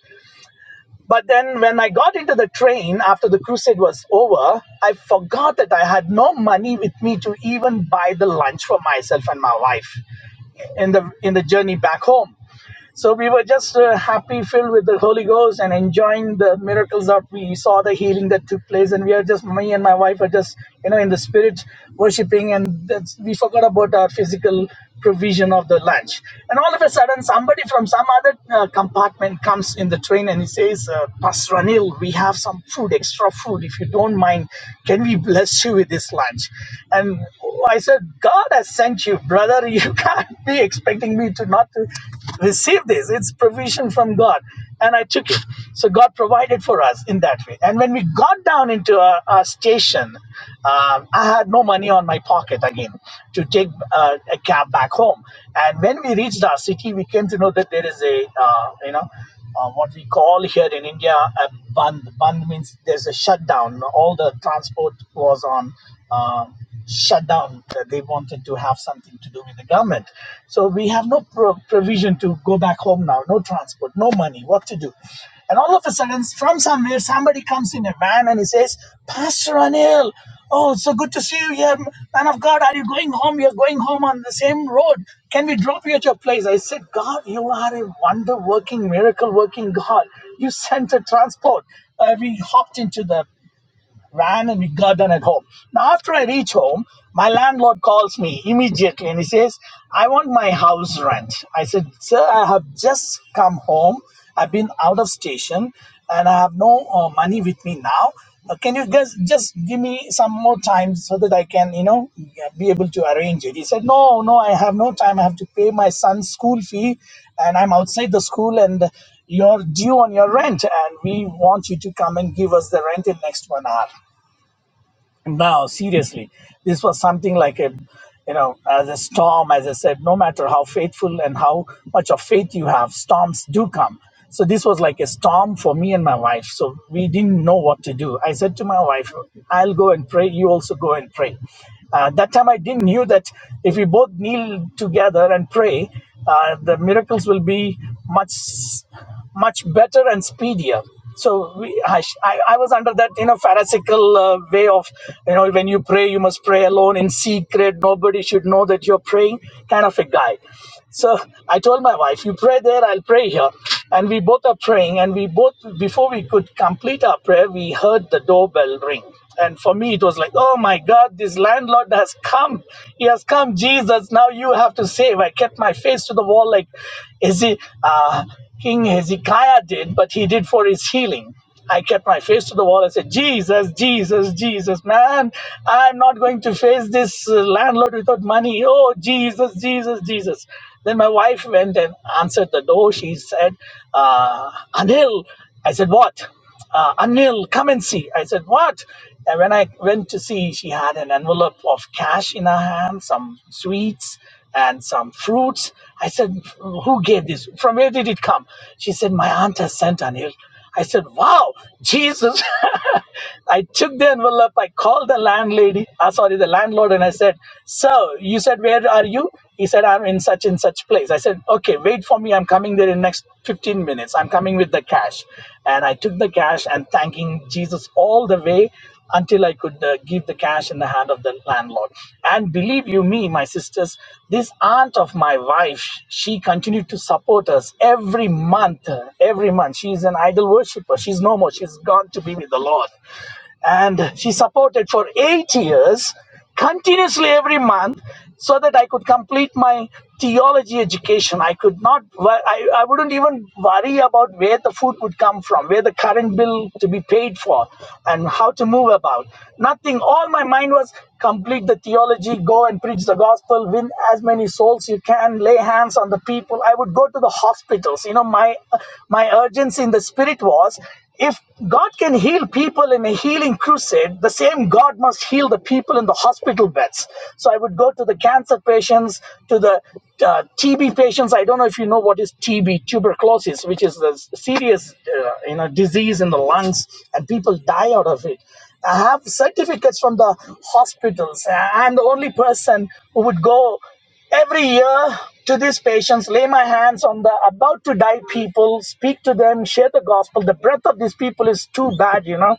Speaker 3: But then when I got into the train after the crusade was over, I forgot that I had no money with me to even buy the lunch for myself and my wife in the in the journey back home. So we were just uh, happy, filled with the Holy Ghost, and enjoying the miracles that we saw, the healing that took place. And we are just, me and my wife are just, you know, in the spirit worshiping, and that's, we forgot about our physical provision of the lunch. And all of a sudden, somebody from some other uh, compartment comes in the train and he says, uh, Pastor Anil, we have some food, extra food. If you don't mind, can we bless you with this lunch? And I said, God has sent you, brother. you can't be expecting me to not to receive this. It's provision from God. And I took it. So God provided for us in that way. And when we got down into our, our station, um, I had no money on my pocket again to take uh, a cab back home. And when we reached our city, we came to know that there is a, uh, you know, uh, what we call here in India a band. Band means there's a shutdown. All the transport was on uh, shutdown. They wanted to have something to do with the government. So we have no pro- provision to go back home now. No transport, no money. What to do? And all of a sudden, from somewhere, somebody comes in a van and he says, Pastor Anil, oh, it's so good to see you here. Man of God, are you going home? You're going home on the same road. Can we drop you at your place? I said, God, you are a wonder working, miracle working God. You sent a transport. Uh, we hopped into the ran and it got done at home. Now, after I reach home, my landlord calls me immediately and he says, I want my house rent. I said, Sir, I have just come home. I've been out of station and I have no uh, money with me now. Uh, can you guys just give me some more time so that I can, you know, uh, be able to arrange it? He said, No, no, I have no time. I have to pay my son's school fee and I'm outside the school and you're due on your rent and we want you to come and give us the rent in next one hour no, seriously, this was something like a, you know, as a storm, as I said, no matter how faithful and how much of faith you have, storms do come. So this was like a storm for me and my wife. So we didn't know what to do. I said to my wife, I'll go and pray. You also go and pray. Uh, that time I didn't knew that if we both kneel together and pray, uh, the miracles will be much, much better and speedier so we, I, I was under that you know pharisaical uh, way of you know when you pray you must pray alone in secret nobody should know that you're praying kind of a guy so i told my wife you pray there i'll pray here and we both are praying and we both before we could complete our prayer we heard the doorbell ring and for me it was like oh my god this landlord has come he has come jesus now you have to save i kept my face to the wall like is he uh, King Hezekiah did, but he did for his healing. I kept my face to the wall. I said, Jesus, Jesus, Jesus, man, I'm not going to face this uh, landlord without money. Oh, Jesus, Jesus, Jesus. Then my wife went and answered the door. She said, uh, Anil. I said, what? uh, Anil, come and see. I said, what? And when I went to see, she had an envelope of cash in her hand, some sweets and some fruits. I said, who gave this? From where did it come? She said, my aunt has sent Anil. I said, wow, Jesus. I took the envelope. I called the landlady, uh, sorry, the landlord, and I said, so you said, where are you? He said said i'm in such and such place i said okay wait for me i'm coming there in next 15 minutes i'm coming with the cash and i took the cash and thanking jesus all the way until i could uh, give the cash in the hand of the landlord and believe you me my sisters this aunt of my wife she continued to support us every month uh, every month she's an idol worshiper she's no more she's gone to be with the lord and she supported for eight years continuously every month so that i could complete my theology education i could not I, I wouldn't even worry about where the food would come from where the current bill to be paid for and how to move about nothing all my mind was complete the theology go and preach the gospel win as many souls you can lay hands on the people i would go to the hospitals you know my my urgency in the spirit was if God can heal people in a healing crusade, the same God must heal the people in the hospital beds. So I would go to the cancer patients, to the uh, TB patients. I don't know if you know what is TB, tuberculosis, which is a serious uh, you know disease in the lungs, and people die out of it. I have certificates from the hospitals. I'm the only person who would go. Every year, to these patients, lay my hands on the about to die people, speak to them, share the gospel. The breath of these people is too bad, you know.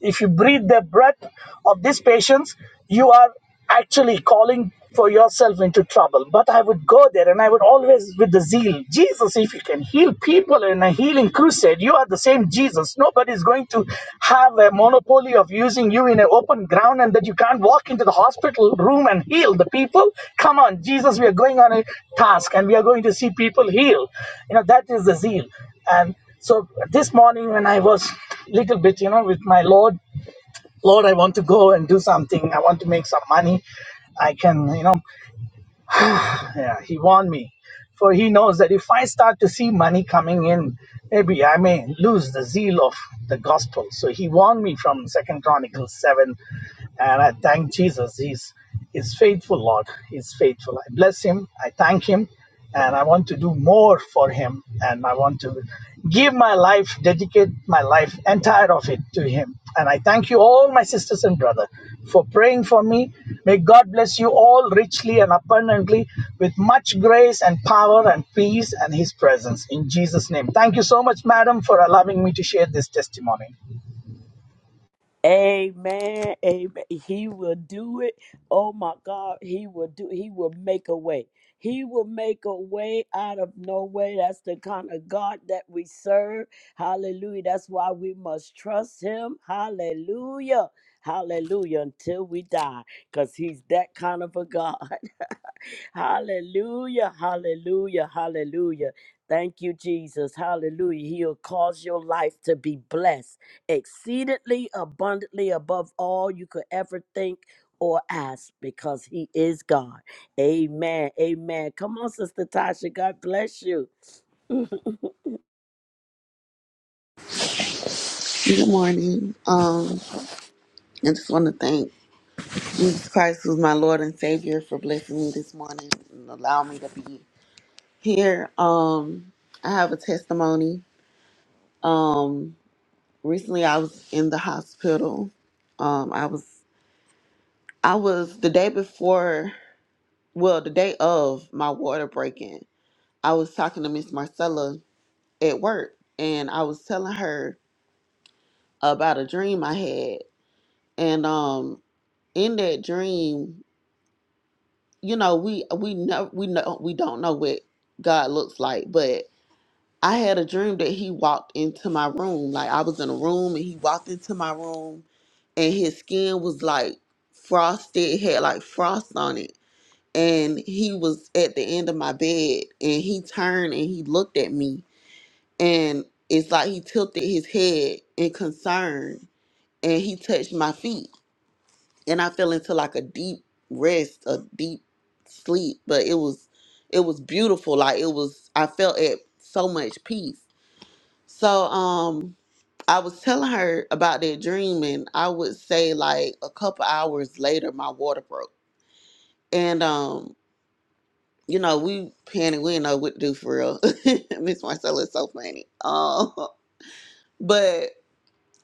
Speaker 3: If you breathe the breath of these patients, you are actually calling for yourself into trouble. But I would go there and I would always, with the zeal, Jesus, if you can heal people gospel and a healing crusade. You are the same Jesus. Nobody's going to have a monopoly of using you in an open ground and that you can't walk into the hospital room and heal the people. Come on, Jesus, we are going on a task and we are going to see people heal. You know, that is the zeal. And so this morning when I was little bit, you know, with my Lord, Lord, I want to go and do something. I want to make some money. I can, you know, yeah, he warned me. For he knows that if I start to see money coming in, maybe I may lose the zeal of the gospel. So he warned me from Second Chronicles 7 and I thank Jesus. He's, he's faithful, Lord. He's faithful. I bless him. I thank him. And I want to do more for him. And I want to give my life, dedicate my life, entire of it to him. And I thank you, all my sisters and brother, for praying for me. May God bless you all richly and abundantly with much grace and power and peace and his presence in Jesus' name. Thank you so much, madam, for allowing me to share this testimony.
Speaker 2: Amen. Amen. He will do it. Oh my God. He will do he will make a way. He will make a way out of no way. That's the kind of God that we serve. Hallelujah. That's why we must trust him. Hallelujah. Hallelujah. Until we die. Because he's that kind of a God. Hallelujah, hallelujah, hallelujah. Thank you, Jesus. Hallelujah. He'll cause your life to be blessed exceedingly abundantly above all you could ever think or ask because He is God. Amen. Amen. Come on, Sister Tasha. God bless you.
Speaker 7: Good morning. Um, I just want to thank Jesus Christ, who's my Lord and Savior, for blessing me this morning and allowing me to be here. Um, I have a testimony. Recently, I was in the hospital. Um, I was, I was the day before, well, the day of my water breaking. I was talking to Miss Marcella at work, and I was telling her about a dream I had, and um, in that dream. you know we we know we know we don't know what god looks like but i had a dream that he walked into my room like i was in a room and he walked into my room and his skin was like frosted had like frost on it and he was at the end of my bed and he turned and he looked at me and it's like he tilted his head in concern and he touched my feet and I fell into like a deep rest, a deep sleep. But it was it was beautiful. Like it was I felt at so much peace. So um I was telling her about that dream and I would say like a couple hours later my water broke. And um, you know, we panicked, we didn't know what to do for real. Miss Marcella is so funny. Um but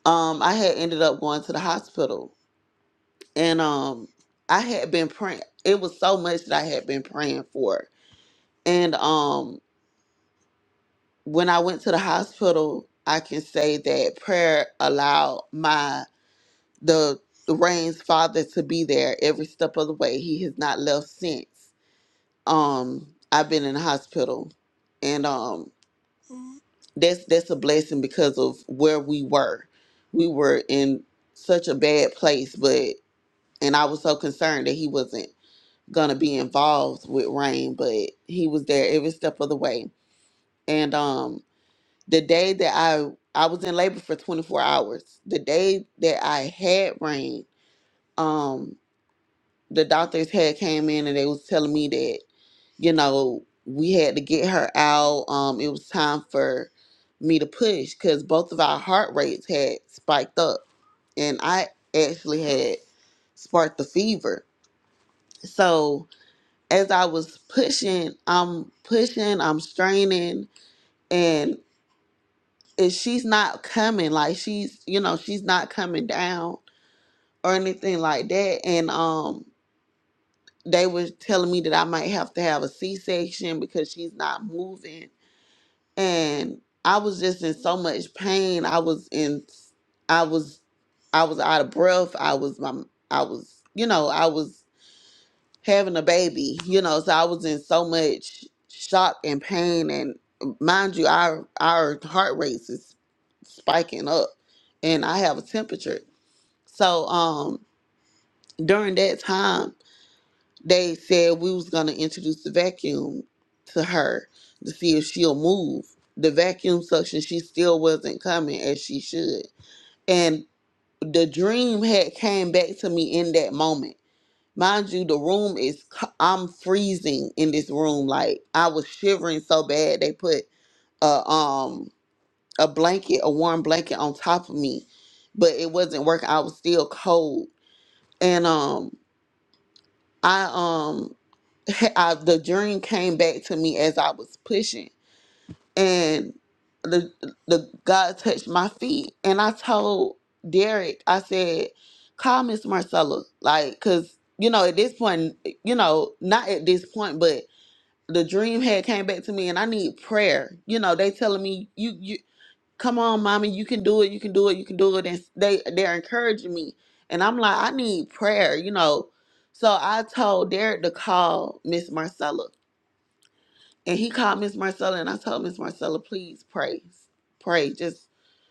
Speaker 7: um I had ended up going to the hospital and um I had been praying. It was so much that I had been praying for. And um when I went to the hospital, I can say that prayer allowed my the the Rain's father to be there every step of the way. He has not left since. Um I've been in the hospital and um that's that's a blessing because of where we were. We were in such a bad place, but and I was so concerned that he wasn't gonna be involved with Rain, but he was there every step of the way. And um the day that I I was in labor for 24 hours. The day that I had Rain, um the doctors had came in and they was telling me that, you know, we had to get her out. Um it was time for me to push cuz both of our heart rates had spiked up and I actually had sparked the fever. So as I was pushing, I'm pushing, I'm straining, and if she's not coming, like she's, you know, she's not coming down or anything like that. And um they were telling me that I might have to have a C section because she's not moving. And I was just in so much pain. I was in I was I was out of breath. I was my I was, you know, I was having a baby, you know, so I was in so much shock and pain and um, mind you our our heart rate is spiking up and I have a temperature. So um during that time they said we was gonna introduce the vacuum to her to see if she'll move. The vacuum suction she still wasn't coming as she should. And the dream had came back to me in that moment Mind you, the room is, c- I'm freezing in this room. Like I was shivering so bad they put a, um, a blanket, a warm blanket on top of me, but it wasn't working. I was still cold. And, um, I, um, I, the dream came back to me as I was pushing. and the the God touched my feet, and I told Derek, I said, "Call Miss Marcella, like, cause you know at this point, you know not at this point, but the dream had came back to me, and I need prayer. You know, they telling me you you come on, mommy, you can do it, you can do it, you can do it, and they they're encouraging me, and I'm like, I need prayer, you know. So I told Derek to call Miss Marcella and he called Miss Marcella and I told Miss Marcella, please pray. Pray. Just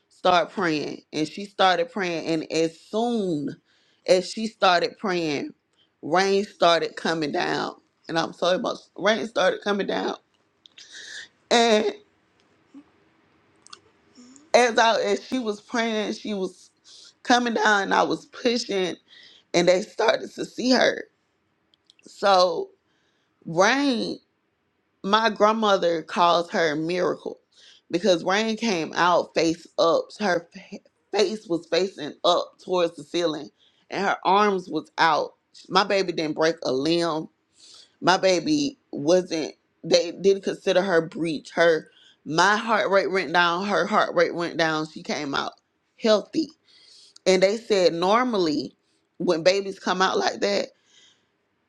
Speaker 7: start praying. And she started praying. And as soon as she started praying, rain started coming down. And I'm so emotional. Rain started coming down. And as I as she was praying, she was coming down and I was pushing and they started to see her. So rain my grandmother calls her miracle because rain came out face up her fa- face was facing up towards the ceiling and her arms was out my baby didn't break a limb my baby wasn't they didn't consider her breach her my heart rate went down her heart rate went down she came out healthy and they said normally when babies come out like that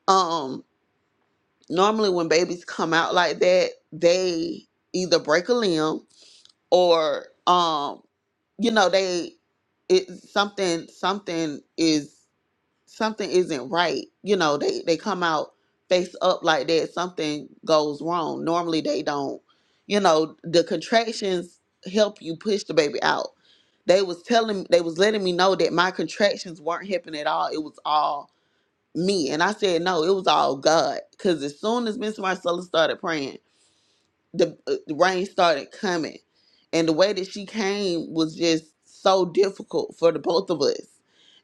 Speaker 7: um, normally when babies come out like that, they either break a limb or um you know they it something something is something isn't right. You know, they they come out face up like that, something goes wrong. Normally they don't. You know, the contractions help you push the baby out. They was telling they was letting me know that my contractions weren't helping at all. It was all me. And I said, no, it was all God. Because as soon as Miss Marcella started praying, the, uh, the rain started coming. And the way that she came was just so difficult for the both of us.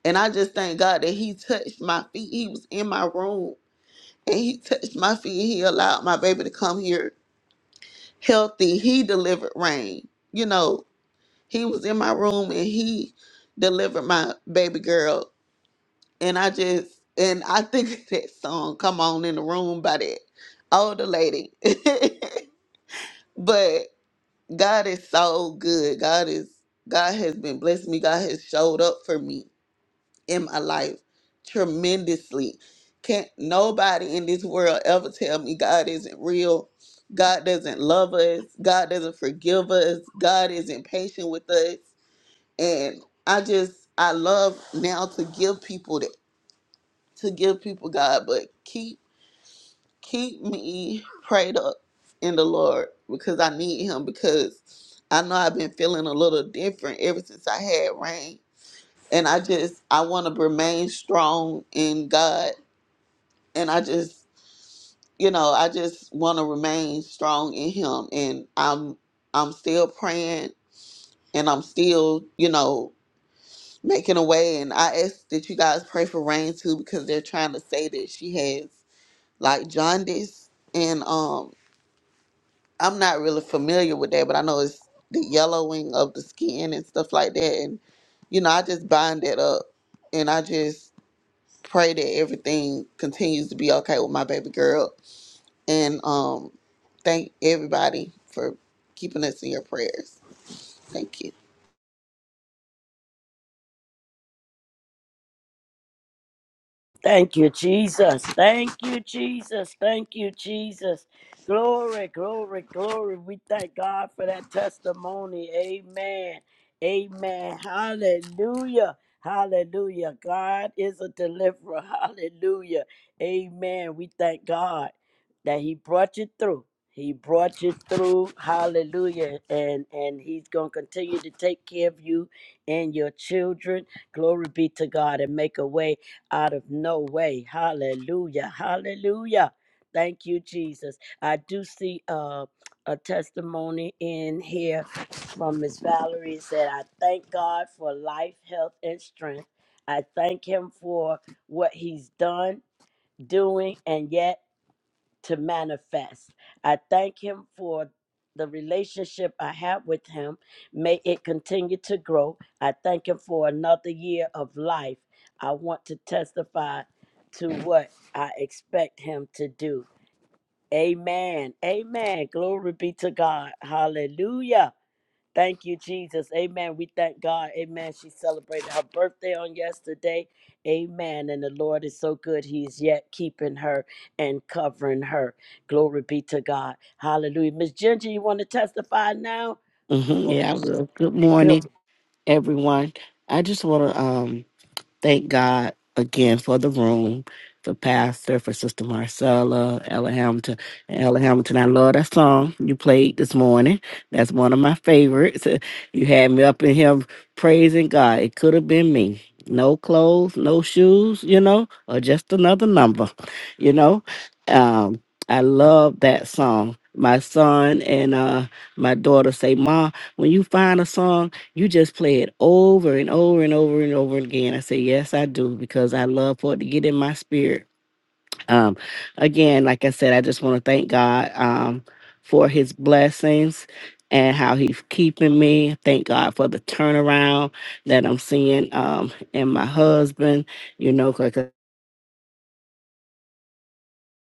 Speaker 7: And I just thank God that He touched my feet. He was in my room and He touched my feet. He allowed my baby to come here healthy. He delivered rain. You know, He was in my room and He delivered my baby girl and I just and I think that song "Come On in the Room" by that older lady. but God is so good. God is God has been blessing me. God has showed up for me in my life tremendously. Can't nobody in this world ever tell me God isn't real. God doesn't love us. God doesn't forgive us. God isn't patient with us. And I just I love now to give people that to give people God, but keep keep me prayed up in the Lord because I need Him because I know I've been feeling a little different ever since I had rain, and I just I want to remain strong in God, and I just you know I just want to remain strong in Him, and I'm I'm still praying and I'm still you know making a way, and I ask that you guys pray for rain too because they're trying to say that she has. like jaundice, and um, I'm not really familiar with that, but I know it's the yellowing of the skin and stuff like that, and you know, I just bind that up, and I just pray that everything continues to be okay with my baby girl, and um, thank everybody for keeping us in your prayers. Thank you.
Speaker 2: Thank you, Jesus. Thank you, Jesus. Thank you, Jesus. Glory, glory, glory. We thank God for that testimony. Amen. Amen. Hallelujah. Hallelujah. God is a deliverer. Hallelujah. Amen. We thank God that He brought you through. He brought you through. Hallelujah. And and He's gonna continue to take care of you and your children. Glory be to God and make a way out of no way. Hallelujah. Hallelujah. Thank you, Jesus. I do see uh, a testimony in here from Miss Valerie It said, I thank God for life, health, and strength. I thank him for what he's done, doing, and yet to manifest. I thank him for the relationship I have with him. May it continue to grow. I thank him for another year of life. I want to testify to what I expect him to do. Amen. Amen. Glory be to God. Hallelujah. Thank you, Jesus. Amen. We thank God. Amen. She celebrated her birthday on yesterday. Amen. And the Lord is so good. He is yet keeping her and covering her. Glory be to God. Hallelujah. Miss Ginger, you want to testify now?
Speaker 8: hmm
Speaker 2: Oh,
Speaker 8: Yeah, I will. Good
Speaker 2: good
Speaker 8: morning, everyone. I just want to um, Thank God again for the room, for Pastor, for Sister Marcella, Ella Hamilton. And Ella Hamilton, I love that song you played this morning. That's one of my favorites. You had me up in here praising God. It could have been me. No clothes, no shoes, you know, or just another number, you know. Um, I love that song. My son and uh, my daughter say, Ma, when you find a song you just play it over and over and over and over again. I say, Yes, I do, because I love for it to get in my spirit. Um, again, like I said, I just want to thank God um, for his blessings and how he's keeping me. Thank God for the turnaround that I'm seeing um, in my husband, you know,